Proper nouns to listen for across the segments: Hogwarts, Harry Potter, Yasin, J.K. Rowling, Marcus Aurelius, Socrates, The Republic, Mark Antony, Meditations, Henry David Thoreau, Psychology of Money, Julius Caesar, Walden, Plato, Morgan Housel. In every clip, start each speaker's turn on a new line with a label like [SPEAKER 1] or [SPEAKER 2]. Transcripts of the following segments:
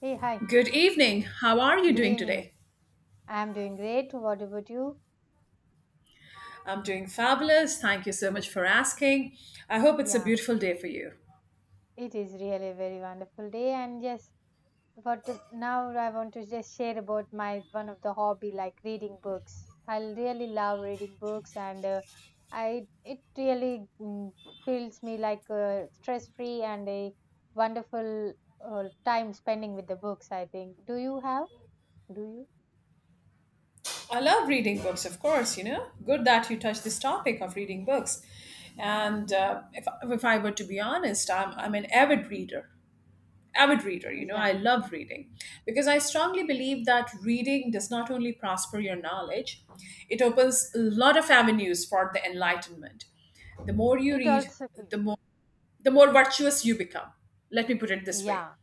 [SPEAKER 1] Hey, hi.
[SPEAKER 2] Good evening. How are you
[SPEAKER 1] Good
[SPEAKER 2] doing
[SPEAKER 1] evening.
[SPEAKER 2] today?
[SPEAKER 1] I'm doing great. What about you?
[SPEAKER 2] I'm doing fabulous. Thank you so much for asking. I hope it's a
[SPEAKER 1] Yeah,
[SPEAKER 2] beautiful day for you.
[SPEAKER 1] it is really a very wonderful day. And yes, what now I want to just share about my one of the hobby like reading books. I really love reading books, and I it really feels me like stress free and a wonderful time spending with the books, I think. Do you have? Do you?
[SPEAKER 2] I love reading books, of course, you know. Good that you touched this topic of reading books. And if I were to be honest, I'm an avid reader. Avid reader, you know,
[SPEAKER 1] Yeah.
[SPEAKER 2] I love reading because I strongly believe that reading does not only prosper your knowledge, it opens a lot of avenues for the enlightenment. The more you
[SPEAKER 1] It
[SPEAKER 2] read,
[SPEAKER 1] also.
[SPEAKER 2] the more the more virtuous you become. Let me put it this way,
[SPEAKER 1] Yeah.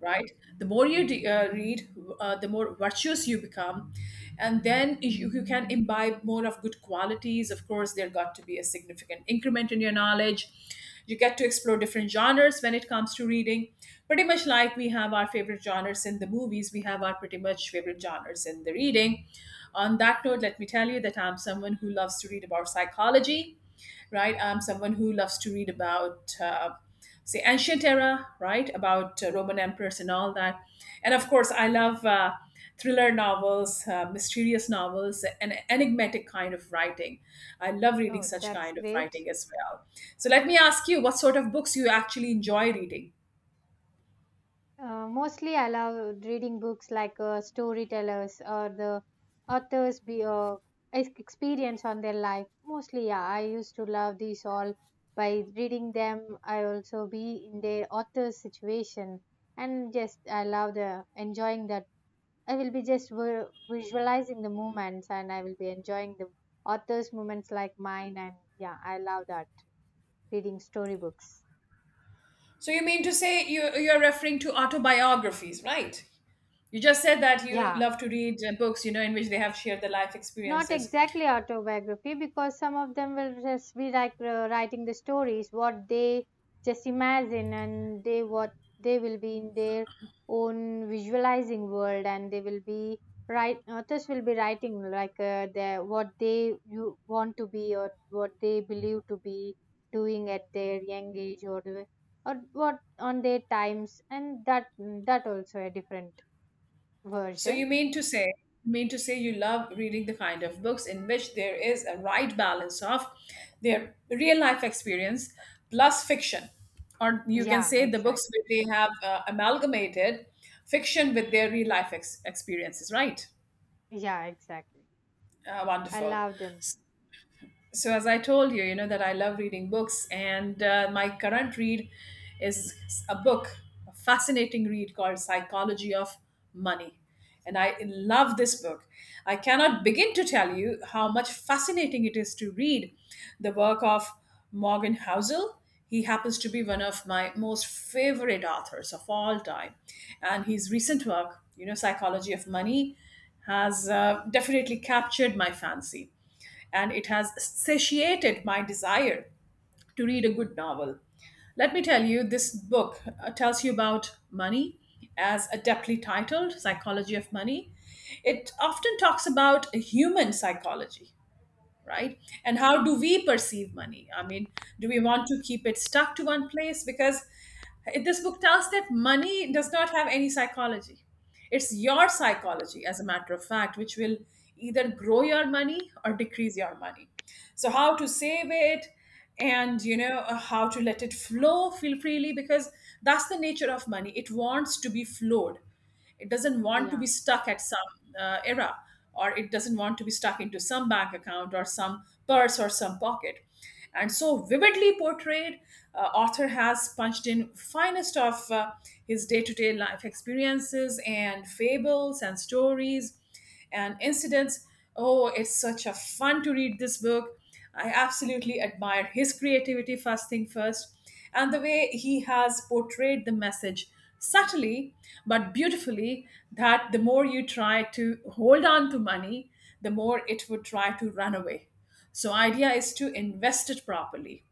[SPEAKER 2] right? The more you read, the more virtuous you become, and then you can imbibe more of good qualities. Of course, there got to be a significant increment in your knowledge. You get to explore different genres when it comes to reading. Pretty much like we have our favorite genres in the movies, we have our pretty much favorite genres in the reading. On that note, let me tell you that I'm someone who loves to read about psychology, right? I'm someone who loves to read about, say, ancient era, right? About Roman emperors and all that. And of course, I love thriller novels, mysterious novels, and enigmatic kind of writing. I love reading
[SPEAKER 1] Oh,
[SPEAKER 2] such
[SPEAKER 1] that's
[SPEAKER 2] kind of
[SPEAKER 1] great.
[SPEAKER 2] writing as well. So let me ask you, what sort of books you actually enjoy reading?
[SPEAKER 1] Mostly, I love reading books like storytellers or the authors' be, uh, experience on their life. Mostly, yeah, I used to love these all. By reading them, I also be in their author's situation, and just I love the enjoying that. I will be just visualizing the moments, and I will be enjoying the author's moments like mine. And yeah, I love that reading storybooks.
[SPEAKER 2] So you mean to say you're referring to autobiographies, right? You just said that you
[SPEAKER 1] Yeah.
[SPEAKER 2] love to read books, you know, in which they have shared their life
[SPEAKER 1] Not
[SPEAKER 2] experiences.
[SPEAKER 1] exactly autobiography, because some of them will just be like writing the stories, what they just imagine and they what they will be in their own visualizing world, and they will be write authors will be writing like their what they you want to be or what they believe to be doing at their young age or or what on their times, and that that also a different
[SPEAKER 2] So
[SPEAKER 1] version.
[SPEAKER 2] you mean to say, you mean to say you love reading the kind of books in which there is a right balance of their real life experience plus fiction, or you can
[SPEAKER 1] Yeah,
[SPEAKER 2] say the
[SPEAKER 1] exactly.
[SPEAKER 2] books where they have amalgamated fiction with their real life experiences, right?
[SPEAKER 1] Yeah, exactly, I
[SPEAKER 2] Wonderful.
[SPEAKER 1] love them.
[SPEAKER 2] So as I told you, you know that I love reading books, and my current read is a book, a fascinating read called Psychology of Money. And I love this book. I cannot begin to tell you how much fascinating it is to read the work of Morgan Housel. He happens to be one of my most favorite authors of all time, and his recent work, you know, Psychology of Money, has definitely captured my fancy, and it has satiated my desire to read a good novel. Let me tell you, this book tells you about money, as adeptly titled Psychology of Money. It often talks about human psychology, right? And how do we perceive money? I mean, do we want to keep it stuck to one place? Because this book tells that money does not have any psychology. It's your psychology, as a matter of fact, which will either grow your money or decrease your money. So, how to save it, and you know how to let it flow feel freely, because that's the nature of money. It wants to be flowed. It doesn't want to be
[SPEAKER 1] Yeah,
[SPEAKER 2] stuck at some era, or it doesn't want to be stuck into some bank account or some purse or some pocket. And so vividly portrayed, author has punched in finest of his day-to-day life experiences and fables and stories and incidents. Oh, it's such a fun to read this book. I absolutely admire his creativity, first thing first, and the way he has portrayed the message subtly but beautifully, that the more you try to hold on to money, the more it would try to run away. So idea is to invest it properly,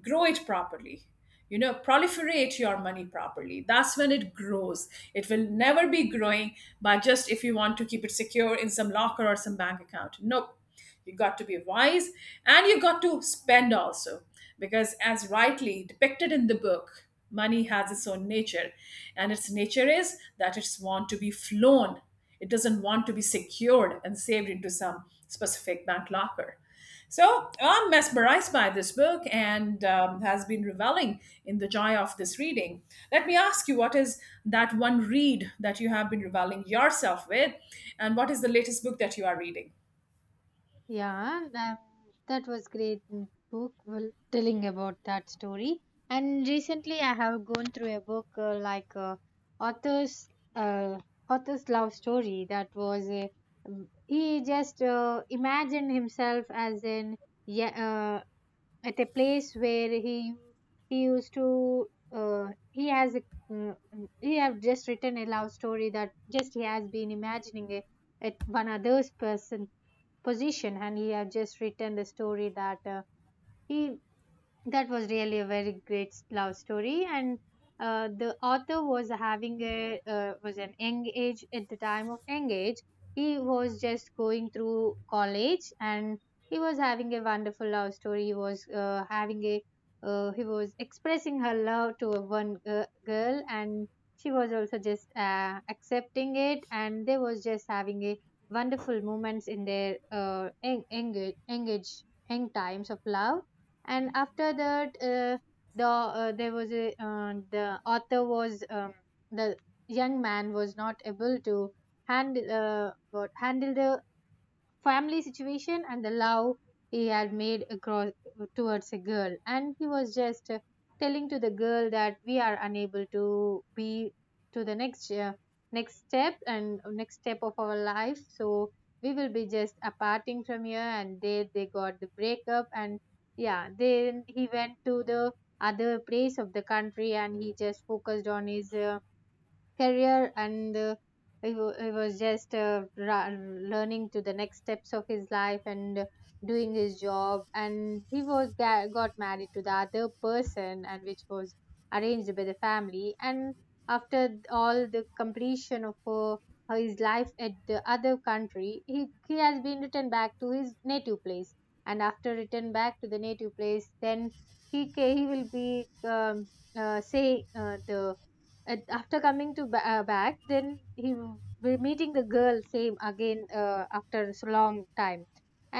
[SPEAKER 2] grow it properly, you know, proliferate your money properly. That's when it grows. It will never be growing by just if you want to keep it secure in some locker or some bank account. Nope. You got to be wise, and you got to spend also. Because as rightly depicted in the book, money has its own nature. And its nature is that it's want to be flown. It doesn't want to be secured and saved into some specific bank locker. So I'm mesmerized by this book, and has been reveling in the joy of this reading. Let me ask you, what is that one read that you have been reveling yourself with, and what is the latest book that you are reading?
[SPEAKER 1] yeah, that was great book, well, telling about that story. And recently, I have gone through a book like author's uh, author's love story. That was a he just imagined himself as an yeah at a place where he used to he has a, he have just written a love story that just he has been imagining a, at one other's person position, and he have just written the story that he that was really a very great love story. And the author was having a was an young age at the time of young age. He was just going through college, and he was having a wonderful love story. He was having a he was expressing her love to a one girl, and she was also just accepting it, and they was just having a wonderful moments in their engage young times of love. And after that the there was a the author was the young man was not able to handle what handle the family situation and the love he had made across towards a girl, and he was just telling to the girl that we are unable to be to the next next step and next step of our life, so we will be just aparting from here. And they got the breakup, and yeah, then he went to the other place of the country, and he just focused on his career. And he, he was just learning to the next steps of his life, and doing his job. And he was got married to the other person, and which was arranged by the family. And after all the completion of his life at the other country, he has been returned back to his native place. And after return back to the native place, then he will be say the and after coming to back, then we meeting the girl same again after so long time.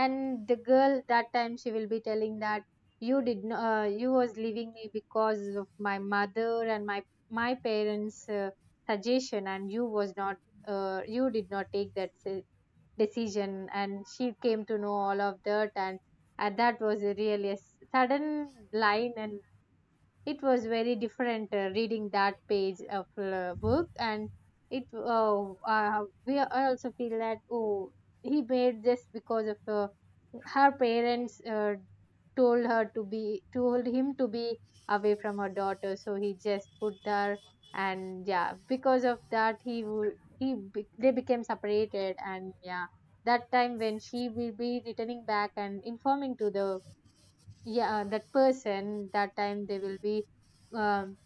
[SPEAKER 1] And the girl that time she will be telling that you did not you was leaving me because of my mother and my parents suggestion, and you was not you did not take that decision. And she came to know all of that. And that was a really a sudden line, and it was very different reading that page of book. And it we I also feel that, oh, he made this because of her parents told him to be away from her daughter, so he just put her. And yeah, because of that he would he be- they became separated. And yeah, that time when she will be returning back and informing to the yeah that person, that time they will be um,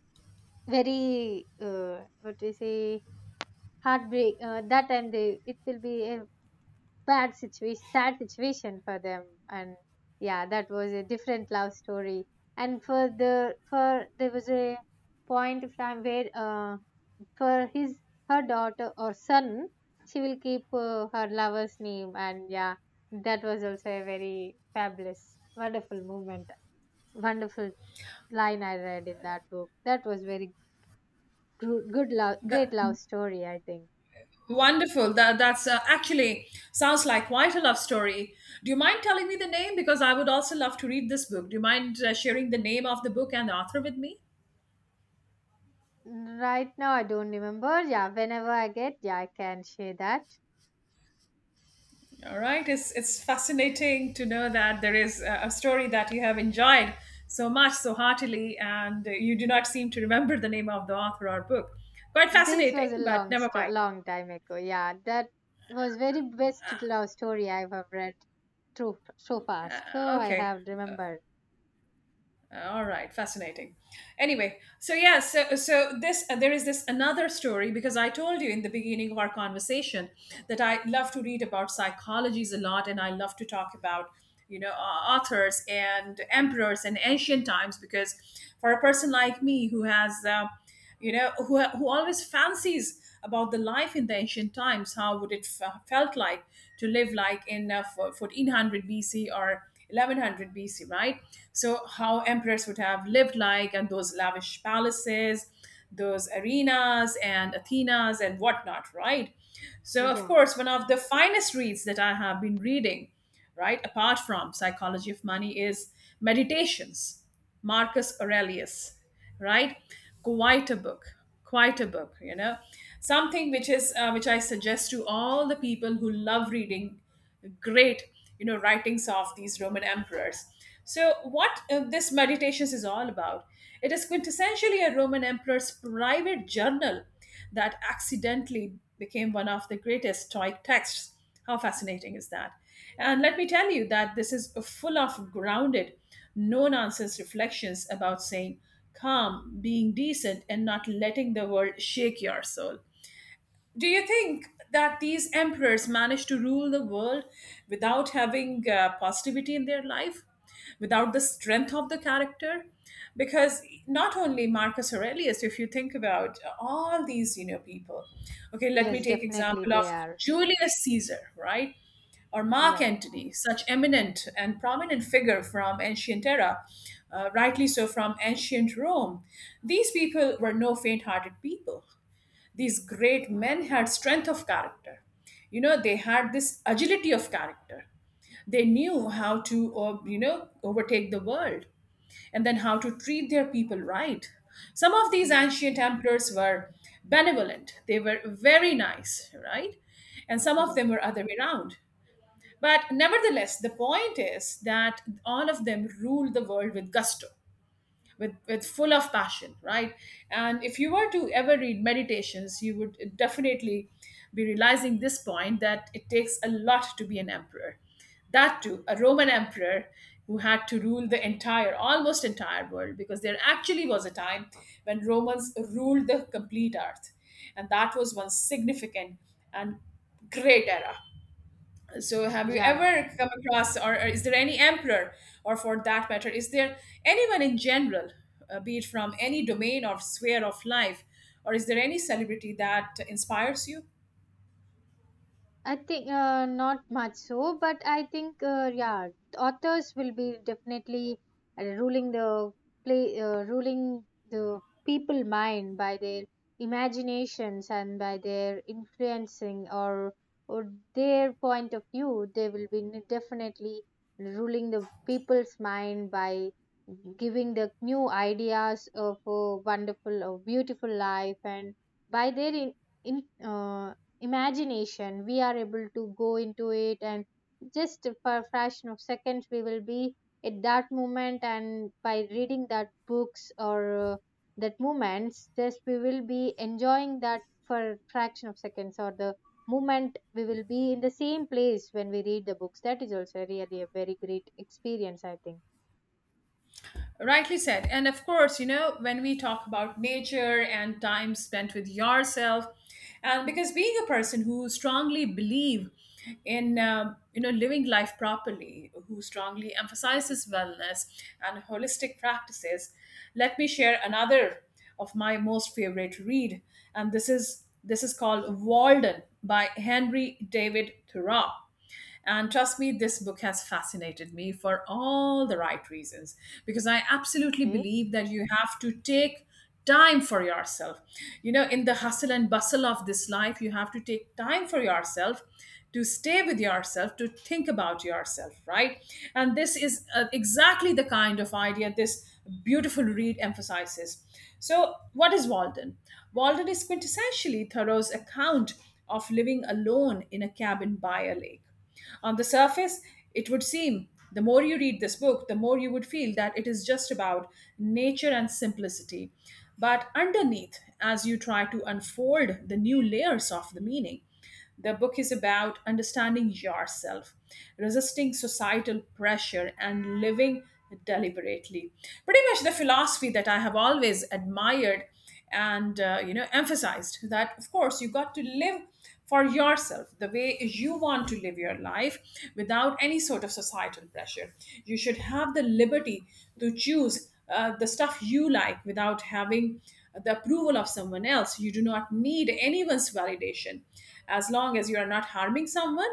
[SPEAKER 1] very what do you say, heartbreak, that time they it will be a bad situation, sad situation for them. And yeah, that was a different love story. And for the for there was a point of time where for his her daughter or son, she will keep her lover's name. And yeah, that was also a very fabulous wonderful moment, wonderful line I read in that book. That was very good, love, great
[SPEAKER 2] That,
[SPEAKER 1] love story, I think.
[SPEAKER 2] wonderful. That's actually sounds like quite a love story. Do you mind telling me the name, because I would also love to read this book? Do you mind sharing the name of the book and the author with me?
[SPEAKER 1] Right now, I don't remember. Yeah, whenever I get, yeah, I can share that.
[SPEAKER 2] All right, it's fascinating to know that there is a story that you have enjoyed so much, so heartily, and you do not seem to remember the name of the author or book. Quite
[SPEAKER 1] This
[SPEAKER 2] fascinating,
[SPEAKER 1] was a
[SPEAKER 2] but
[SPEAKER 1] long,
[SPEAKER 2] never mind.
[SPEAKER 1] long time ago. Yeah, that was very best love story I've ever read through so fast, so I
[SPEAKER 2] Okay.
[SPEAKER 1] have remembered.
[SPEAKER 2] All right, fascinating. Anyway, so yeah, so this there is this another story, because I told you in the beginning of our conversation that I love to read about psychologies a lot, and I love to talk about, you know, authors and emperors and ancient times. Because for a person like me who has you know who always fancies about the life in the ancient times, how would it felt like to live like in 1400 BC or 1100 BC, right? So how emperors would have lived like, and those lavish palaces, those arenas and athenas and whatnot, right? So of
[SPEAKER 1] Yeah.
[SPEAKER 2] course, one of the finest reads that I have been reading, right, apart from Psychology of Money, is Meditations, Marcus Aurelius, right? Quite a book, quite a book, you know, something which is which I suggest to all the people who love reading great, you know, writings of these Roman emperors. So what this Meditations is all about, it is quintessentially a Roman emperor's private journal that accidentally became one of the greatest stoic texts. How fascinating is that? And let me tell you that this is full of grounded, no nonsense reflections about saying calm, being decent, and not letting the world shake your soul. Do you think that these emperors managed to rule the world without having positivity in their life, without the strength of the character? Because not only Marcus Aurelius, if you think about all these, you know, people. Okay, let me
[SPEAKER 1] Yes,
[SPEAKER 2] take
[SPEAKER 1] definitely
[SPEAKER 2] example of
[SPEAKER 1] they are.
[SPEAKER 2] Julius Caesar, right? Or Mark
[SPEAKER 1] Yeah,
[SPEAKER 2] Antony, such eminent and prominent figure from ancient era, rightly so, from ancient Rome. These people were no faint-hearted people. These great men had strength of character, you know, they had this agility of character. They knew how to you know, overtake the world, and then how to treat their people right. Some of these
[SPEAKER 1] yeah,
[SPEAKER 2] ancient emperors were benevolent, they were very nice, right? And some of
[SPEAKER 1] yeah,
[SPEAKER 2] them were other way around. But nevertheless, the point is that all of them ruled the world with gusto, with full of passion, right? And if you were to ever read Meditations, you would definitely be realizing this point, that it takes a lot to be an emperor, that too a Roman emperor, who had to rule the entire, almost entire world, because there actually was a time when Romans ruled the complete earth. And that was one significant and great era. So, have you
[SPEAKER 1] yeah.
[SPEAKER 2] ever come across, or is there any emperor, or for that matter, is there anyone in general, be it from any domain or sphere of life, or is there any celebrity that inspires you?
[SPEAKER 1] I think not much so, but I think yeah, authors will be definitely uh, ruling the ruling the people mind by their imaginations and by their influencing or their point of view. They will be definitely ruling the people's mind by giving the new ideas of a wonderful or beautiful life. And by their in imagination, we are able to go into it, and just for a fraction of seconds we will be at that moment. And by reading that books or that moments, just we will be enjoying that for a fraction of seconds, or the moment we will be in the same place when we read the books. That is also really a very great experience, I think.
[SPEAKER 2] Rightly said. And of course, you know, when we talk about nature and time spent with yourself, and because being a person who strongly believe in you know, living life properly, who strongly emphasizes wellness and holistic practices, let me share another of my most favorite read, and this is called Walden by Henry David Thoreau. And trust me, this book has fascinated me for all the right reasons, because I absolutely
[SPEAKER 1] Okay.
[SPEAKER 2] believe that you have to take time for yourself. You know, in the hustle and bustle of this life, you have to take time for yourself, to stay with yourself, to think about yourself, right? And this is exactly the kind of idea this beautiful read emphasizes. So, what is Walden? Walden is quintessentially Thoreau's account of living alone in a cabin by a lake. On the surface, it would seem the more you read this book, the more you would feel that it is just about nature and simplicity. But underneath, as you try to unfold the new layers of the meaning, the book is about understanding yourself, resisting societal pressure, and living deliberately. Pretty much the philosophy that I have always admired and emphasized, that of course you got to live for yourself the way you want to live your life without any sort of societal pressure. You should have the liberty to choose the stuff you like without having the approval of someone else. You do not need anyone's validation. As long as you are not harming someone,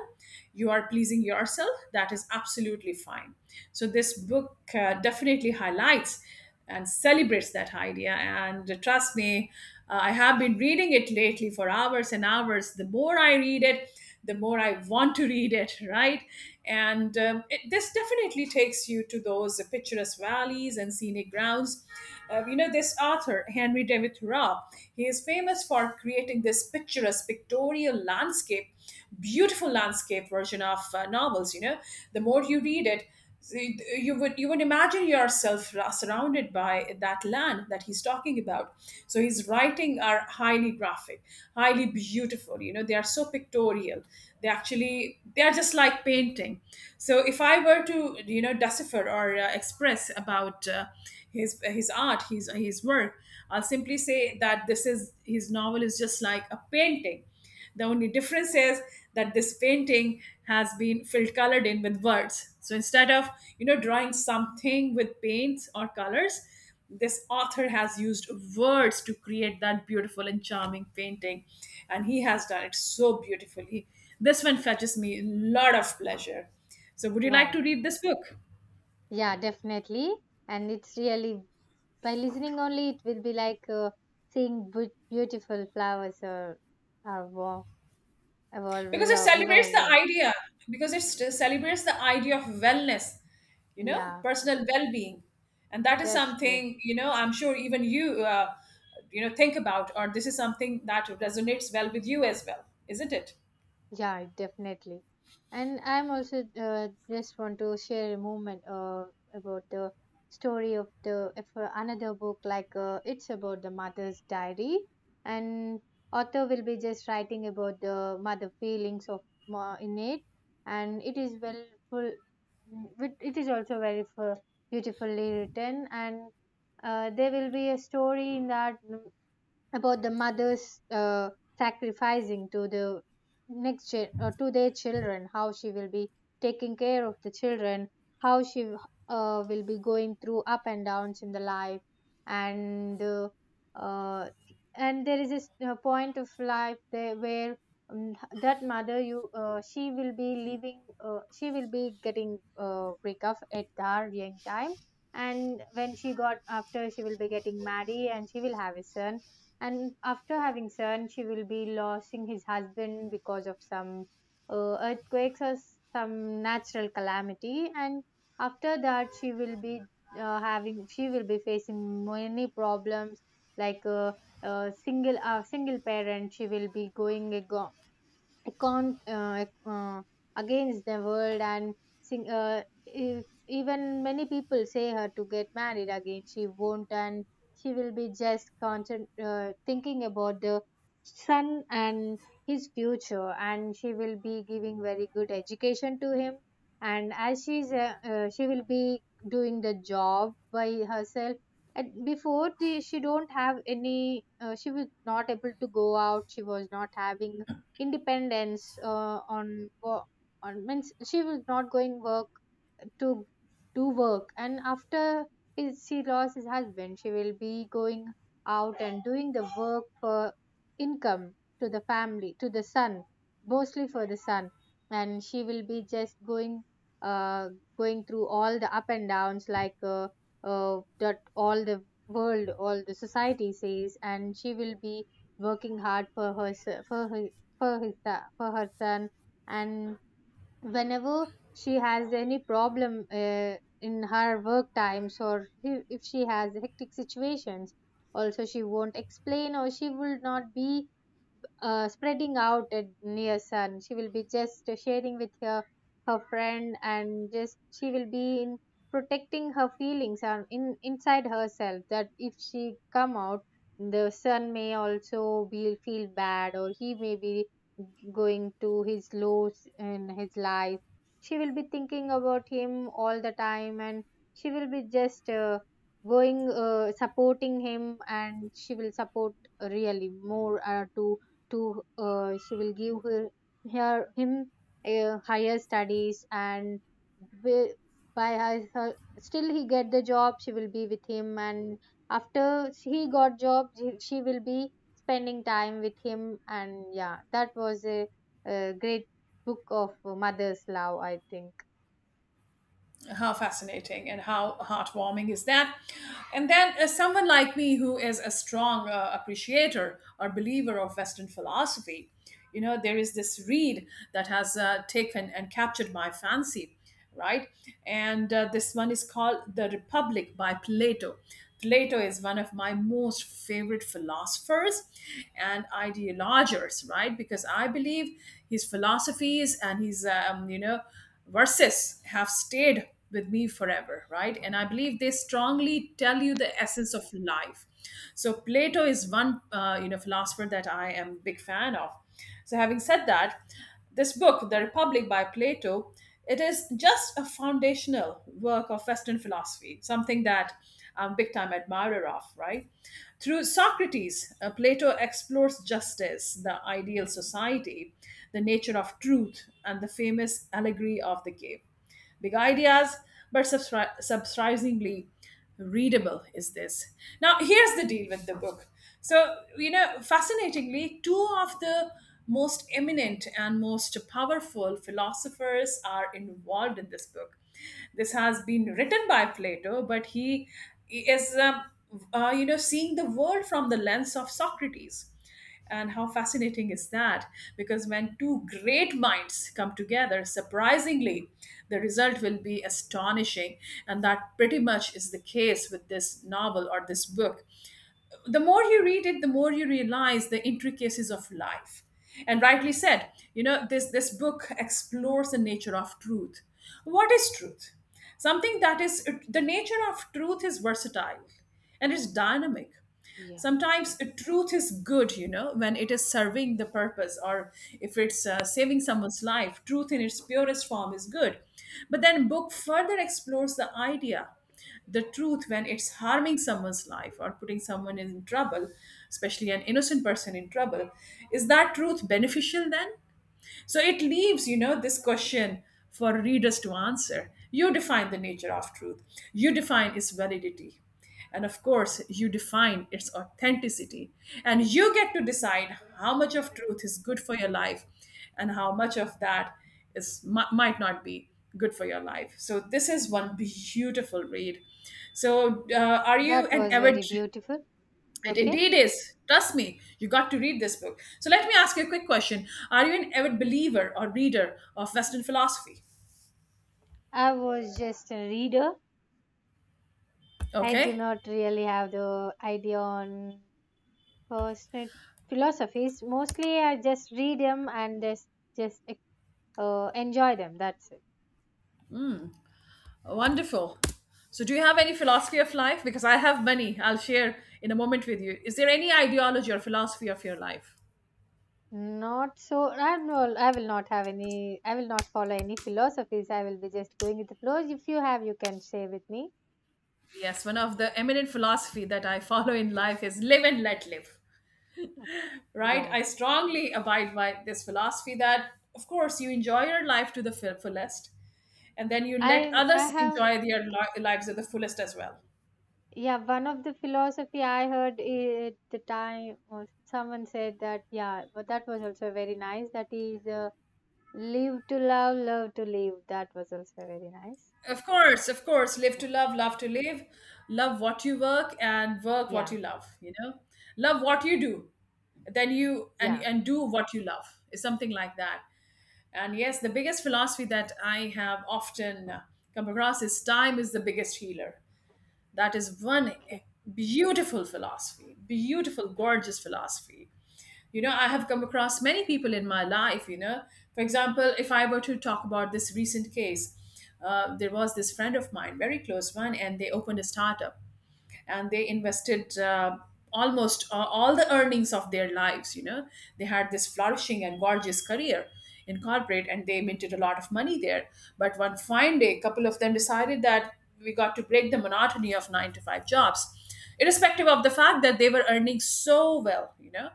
[SPEAKER 2] you are pleasing yourself, that is absolutely fine. So this book definitely highlights and celebrates that idea. And trust me, I have been reading it lately for hours and hours. The more I read it, the more I want to read it, right? And this definitely takes you to those picturesque valleys and scenic grounds. This author, Henry David Thoreau, he is famous for creating this picturesque pictorial landscape, beautiful landscape version of novels. You know, the more you read it, so you would imagine yourself surrounded by that land that he's talking about. So his writing are highly graphic, highly beautiful, they are so pictorial. They are just like painting. So if I were to decipher or express about his art, his work, I'll simply say that this is his novel is just like a painting. The only difference is that this painting has been filled, colored in with words. So instead of drawing something with paints or colors, this author has used words to create that beautiful and charming painting, and he has done it so beautifully. This one fetches me a lot of pleasure. So would you like to
[SPEAKER 1] Wow,
[SPEAKER 2] read this book?
[SPEAKER 1] yeah, definitely, and it's really by listening only it will be like seeing beautiful flowers, or wow,
[SPEAKER 2] Because it
[SPEAKER 1] revolve,
[SPEAKER 2] celebrates
[SPEAKER 1] revolve.
[SPEAKER 2] the
[SPEAKER 1] around.
[SPEAKER 2] idea, because it celebrates the idea of wellness,
[SPEAKER 1] Yeah,
[SPEAKER 2] personal well-being. And that is
[SPEAKER 1] that's good.
[SPEAKER 2] something, I'm sure even you you know think about, or this is something that resonates well with you as well, isn't it?
[SPEAKER 1] Yeah, definitely. And I'm also just want to share a moment about the story of the of another book, like it's about the mother's diary. And author will be just writing about the mother feelings of ma in it, and it is well full it is also very beautifully written. And there will be a story in that about the mothers sacrificing to the to their children, how she will be taking care of the children, how she will be going through up and downs in the life. And uh, and there is a a point of life there where um, that mother you she will be leaving she will be getting break up at her young time. And when she got after, she will be getting married, and she will have a son. And after having son, she will be losing his husband because of some earthquakes or some natural calamity. And after that, she will be having she will be facing many problems, like a single parent. She will be going ago con against the world. And if, even many people say her to get married again, she won't. And she will be just constant thinking about the son and his future, and she will be giving very good education to him. And as she's she will be doing the job by herself. And before the, she don't have any she was not able to go out, she was not having independence on means she was not going work to do work. And after his, she lost his husband, she will be going out and doing the work for income to the family, to the son, mostly for the son. And she will be just going uh going through all the up and downs, like that all the world all the society says. And she will be working hard for her for her for his for her son. And whenever she has any problem in her work times, or if she has hectic situations also, she won't explain, or she will not be spreading out at near sun. She will be just sharing with her her friend, and just she will be in protecting her feelings and in inside herself. That if she come out, the son may also be feel bad, or he may be going to his lows in his life. She will be thinking about him all the time, and she will be just, going supporting him. And she will support really more to she will give her, her him higher studies. And wi- by still he get the job, she will be with him. And after he got job, she will be spending time with him. And yeah, that was a great book of mother's love, I think.
[SPEAKER 2] How fascinating and how heartwarming is that! And then someone like me who is a strong appreciator or believer of Western philosophy, there is this read that has taken and captured my fancy, right? And this one is called The Republic by Plato. Plato is one of my most favorite philosophers and ideologers, right? Because I believe his philosophies and his verses have stayed with me forever, right? And I believe they strongly tell you the essence of life. So Plato is one, philosopher that I am big fan of. So having said that, this book, The Republic by Plato, it is just a foundational work of Western philosophy, something that I'm a big time admirer of, right? Through Socrates, Plato explores justice, the ideal society, the nature of truth, and the famous allegory of the cave. Big ideas, but surprisingly readable is this. Now, here's the deal with the book. So, fascinatingly, two of the most eminent and most powerful philosophers are involved in this book. This has been written by Plato, but he is, seeing the world from the lens of Socrates. And how fascinating is that? Because when two great minds come together, surprisingly, the result will be astonishing. And that pretty much is the case with this novel or this book. The more you read it, the more you realize the intricacies of life. And rightly said, this book explores the nature of truth. What is truth? Something that is, the nature of truth is versatile and it's dynamic. Sometimes truth is good, when it is serving the purpose, or if it's saving someone's life. Truth in its purest form is good. But then book further explores the idea, the truth when it's harming someone's life or putting someone in trouble, especially an innocent person in trouble, is that truth beneficial then? So it leaves, this question for readers to answer. You define the nature of truth. You define its validity. And of course, you define its authenticity. And you get to decide how much of truth is good for your life, and how much of that is might not be good for your life. So this is one beautiful read. So are you
[SPEAKER 1] That
[SPEAKER 2] an
[SPEAKER 1] was
[SPEAKER 2] avid—
[SPEAKER 1] very beautiful.
[SPEAKER 2] It
[SPEAKER 1] Okay,
[SPEAKER 2] indeed is. Trust me, you got to read this book. So let me ask you a quick question. Are you an avid believer or reader of Western philosophy?
[SPEAKER 1] I was just a reader. I do
[SPEAKER 2] Okay,
[SPEAKER 1] not really have the idea on uh, st- philosophies. Mostly, I just read them and just enjoy them. That's it.
[SPEAKER 2] wonderful. So, do you have any philosophy of life? Because I have many. I'll share in a moment with you. Is there any ideology or philosophy of your life?
[SPEAKER 1] Not so. I will, I will not have any. I will not follow any philosophies. I will be just going with the flows. If you have, you can share with me.
[SPEAKER 2] Yes, one of the eminent philosophy that I follow in life is live and let live. Right?
[SPEAKER 1] Yeah,
[SPEAKER 2] I strongly abide by this philosophy that, of course, you enjoy your life to the fullest, and then you let
[SPEAKER 1] I
[SPEAKER 2] others
[SPEAKER 1] have.
[SPEAKER 2] enjoy their
[SPEAKER 1] Okay,
[SPEAKER 2] lives to the fullest as well.
[SPEAKER 1] yeah, one of the philosophy I heard at the time, was someone said that. Yeah, but that was also very nice. That is, live to love, love to live. That was also very nice.
[SPEAKER 2] Of course, of course, live
[SPEAKER 1] Yeah,
[SPEAKER 2] to love, love to live. Love what you work and work what you
[SPEAKER 1] yeah,
[SPEAKER 2] love, you know. Love what you do, then you
[SPEAKER 1] yeah.
[SPEAKER 2] and do what you love, is something like that. And yes, the biggest philosophy that I have often come across is time is the biggest healer. That is one
[SPEAKER 1] Okay.
[SPEAKER 2] beautiful philosophy, beautiful, gorgeous philosophy. I have come across many people in my life. For example, if I were to talk about this recent case, there was this friend of mine, very close one, and they opened a startup and they invested almost all the earnings of their lives. They had this flourishing and gorgeous career in corporate, and they minted a lot of money there. But one fine day a couple of them decided that we got to break the monotony of 9 to 5 jobs, irrespective of the fact that they were earning so well,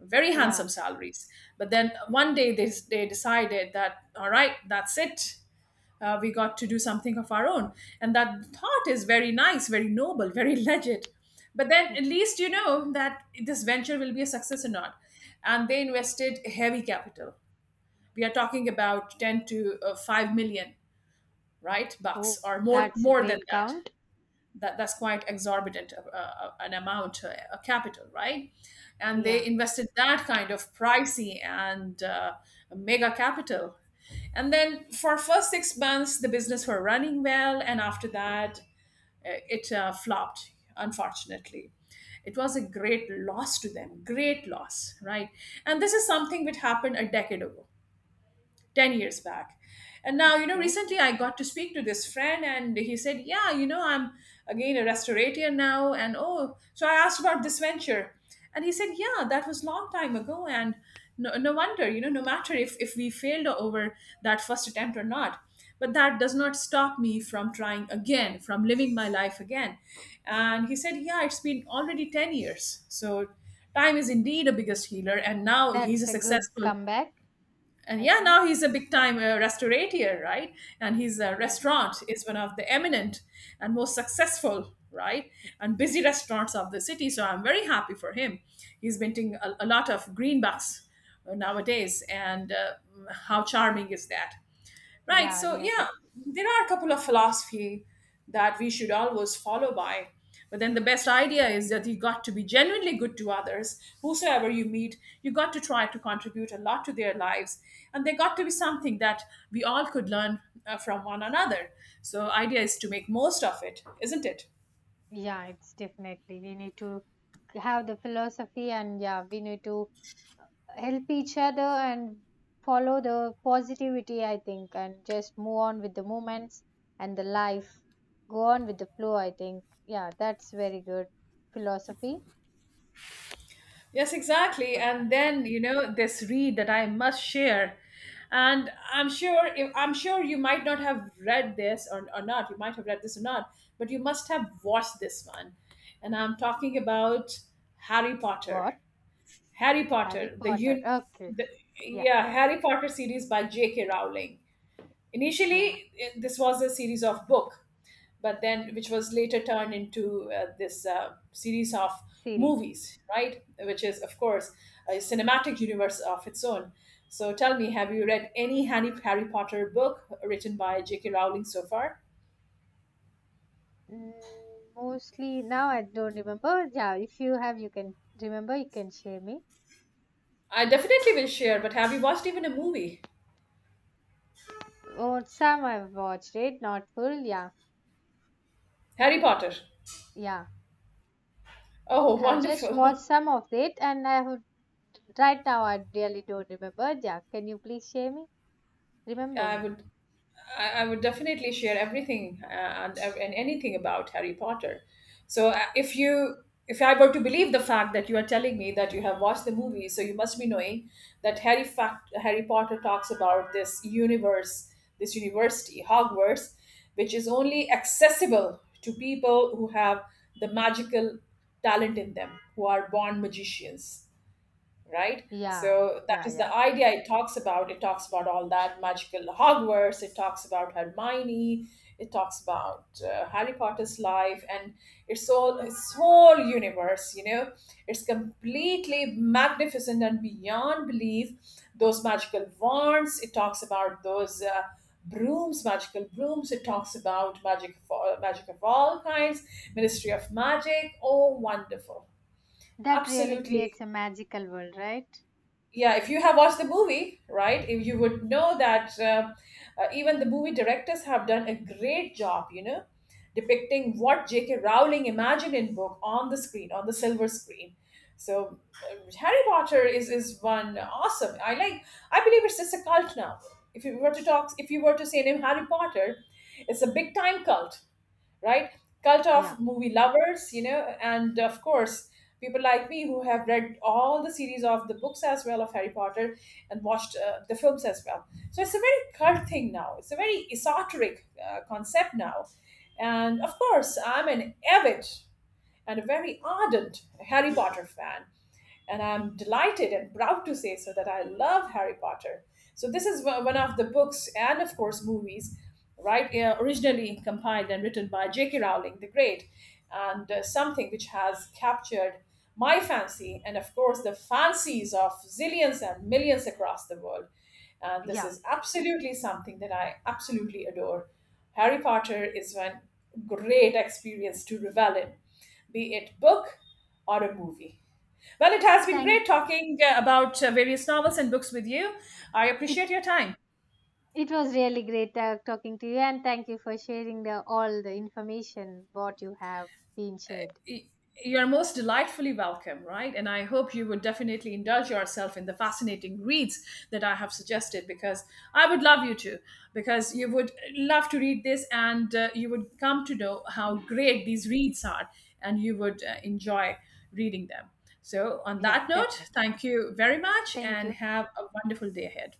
[SPEAKER 2] very handsome
[SPEAKER 1] Yeah.
[SPEAKER 2] salaries. But then one day they decided that all right, that's it, we got to do something of our own. And that thought is very nice, very noble, very legit. But then at
[SPEAKER 1] Mhm.
[SPEAKER 2] least you know that this venture will be a success or not. And they invested heavy capital. We are talking about 10 to 5 million, right, bucks
[SPEAKER 1] Oh,
[SPEAKER 2] or more,
[SPEAKER 1] that's a
[SPEAKER 2] more than
[SPEAKER 1] great
[SPEAKER 2] that.
[SPEAKER 1] count.
[SPEAKER 2] That's quite exorbitant an amount, a capital, right? And they
[SPEAKER 1] Yeah.
[SPEAKER 2] invested that kind of pricey and mega capital. And then for first 6 months the business were running well, and after that it flopped, unfortunately. It was a great loss to them, great loss, right? And this is something which happened a decade ago, 10 years back. And now you know
[SPEAKER 1] Okay.
[SPEAKER 2] recently I got to speak to this friend, and he said, yeah, I'm again a restaurateur now. And oh, so I asked about this venture, and he said, yeah, that was long time ago. And no, no wonder, no matter if we failed over that first attempt or not, but that does not stop me from trying again, from living my life again. And he said, yeah, it's been already 10 years. So time is indeed a biggest healer. And now he's a
[SPEAKER 1] That's a good
[SPEAKER 2] successful—
[SPEAKER 1] comeback,
[SPEAKER 2] and
[SPEAKER 1] I
[SPEAKER 2] yeah,
[SPEAKER 1] think.
[SPEAKER 2] now he's a big time restaurateur, right? And his
[SPEAKER 1] Yeah.
[SPEAKER 2] restaurant is one of the eminent and most successful, right, and busy restaurants of the city. So I'm very happy for him. He's minting a lot of greenbacks nowadays, and how charming is that? Right.
[SPEAKER 1] Yeah,
[SPEAKER 2] So, yeah,
[SPEAKER 1] really.
[SPEAKER 2] there are a couple of philosophy that we should always follow by. But then the best idea is that you got to be genuinely good to others. Whosoever you meet, you got to try to contribute a lot to their lives. And they got to be something that we all could learn from one another. So, idea is to make most of it, isn't it?
[SPEAKER 1] Yeah, it's definitely, we need to have the philosophy. And yeah, we need to help each other and follow the positivity, I think, and just move on with the moments and the life. Go on with the flow, I think. Yeah, that's very good philosophy
[SPEAKER 2] Yes, exactly.
[SPEAKER 1] for that.
[SPEAKER 2] And then, this read that I must share. And I'm sure you might not have read this, or not. You might have read this or not, but you must have watched this one. And I'm talking about Harry Potter.
[SPEAKER 1] What?
[SPEAKER 2] Harry
[SPEAKER 1] Harry
[SPEAKER 2] Potter, the,
[SPEAKER 1] Potter.
[SPEAKER 2] un,
[SPEAKER 1] Okay.
[SPEAKER 2] the
[SPEAKER 1] Yeah.
[SPEAKER 2] yeah, Harry Potter series by J.K. Rowling.
[SPEAKER 1] Yeah.
[SPEAKER 2] Initially, this was a series of book, but then which was later turned into this series of
[SPEAKER 1] Series.
[SPEAKER 2] movies, right? Which is, of course, a cinematic universe of its own. So tell me, have you read any Harry Potter book written by J.K. Rowling so far?
[SPEAKER 1] Mm, mostly now I don't remember. Yeah, if you have, you can remember, you can share me.
[SPEAKER 2] I definitely will share, but have you watched even a movie?
[SPEAKER 1] Or some I've watched it, not full. Yeah,
[SPEAKER 2] Harry Potter.
[SPEAKER 1] yeah.
[SPEAKER 2] Oh,
[SPEAKER 1] I have just watched
[SPEAKER 2] wonderful.
[SPEAKER 1] some of it, and I have right now I really don't remember. Yeah, can you please share me? Remember
[SPEAKER 2] I
[SPEAKER 1] me?
[SPEAKER 2] would I would definitely share everything and anything about Harry Potter. So if I were to believe the fact that you are telling me that you have watched the movie, so you must be knowing that Harry Potter talks about this universe, this university, Hogwarts, which is only accessible to people who have the magical talent in them, who are born magicians, right?
[SPEAKER 1] Yeah,
[SPEAKER 2] So that
[SPEAKER 1] yeah,
[SPEAKER 2] is the
[SPEAKER 1] yeah.
[SPEAKER 2] idea it talks about. It talks about all that magical Hogwarts. It talks about Hermione. It talks about Harry Potter's life and its whole universe. You know, it's completely magnificent and beyond belief. Those magical wands. It talks about those. Brooms, magical brooms. It talks about magic, for magic of all kinds, ministry of magic. Oh, wonderful.
[SPEAKER 1] That really creates
[SPEAKER 2] Absolutely.
[SPEAKER 1] a magical world, right?
[SPEAKER 2] Yeah, if you have watched the movie, right, if you would know that even the movie directors have done a great job, depicting what J.K. Rowling imagined in book on the screen, on the silver screen. So Harry Potter is one awesome— I believe it's just a cult now. If you were to talk, if you were to say name Harry Potter, it's a big time cult, right? Cult
[SPEAKER 1] Yeah,
[SPEAKER 2] of movie lovers, and of course, people like me who have read all the series of the books as well of Harry Potter and watched the films as well. So it's a very cult thing now. It's a very esoteric concept now. And of course, I'm an avid and a very ardent Harry Potter fan, and I'm delighted and proud to say so that I love Harry Potter. So this is one— one of the books and of course movies, right? Originally compiled and written by J.K. Rowling the Great, and something which has captured my fancy and of course the fancies of zillions and millions across the world. And this
[SPEAKER 1] yeah.
[SPEAKER 2] is absolutely something that I absolutely adore. Harry Potter is one great experience to revel in, be it book or a movie. Well, it has been great
[SPEAKER 1] Thank you.
[SPEAKER 2] talking about various novels and books with you. I
[SPEAKER 1] It
[SPEAKER 2] appreciate your time.
[SPEAKER 1] it was really great talking to you, and thank you for sharing the all the information what you have been shared.
[SPEAKER 2] You're most delightfully welcome, right? And I hope you would definitely indulge yourself in the fascinating reads that I have suggested, because I would love you to, because you would love to read this, and you would come to know how great these reads are, and you would enjoy reading them. So, on
[SPEAKER 1] Yeah,
[SPEAKER 2] that note,
[SPEAKER 1] definitely.
[SPEAKER 2] thank you very much
[SPEAKER 1] Thank
[SPEAKER 2] and
[SPEAKER 1] you.
[SPEAKER 2] have a wonderful day ahead.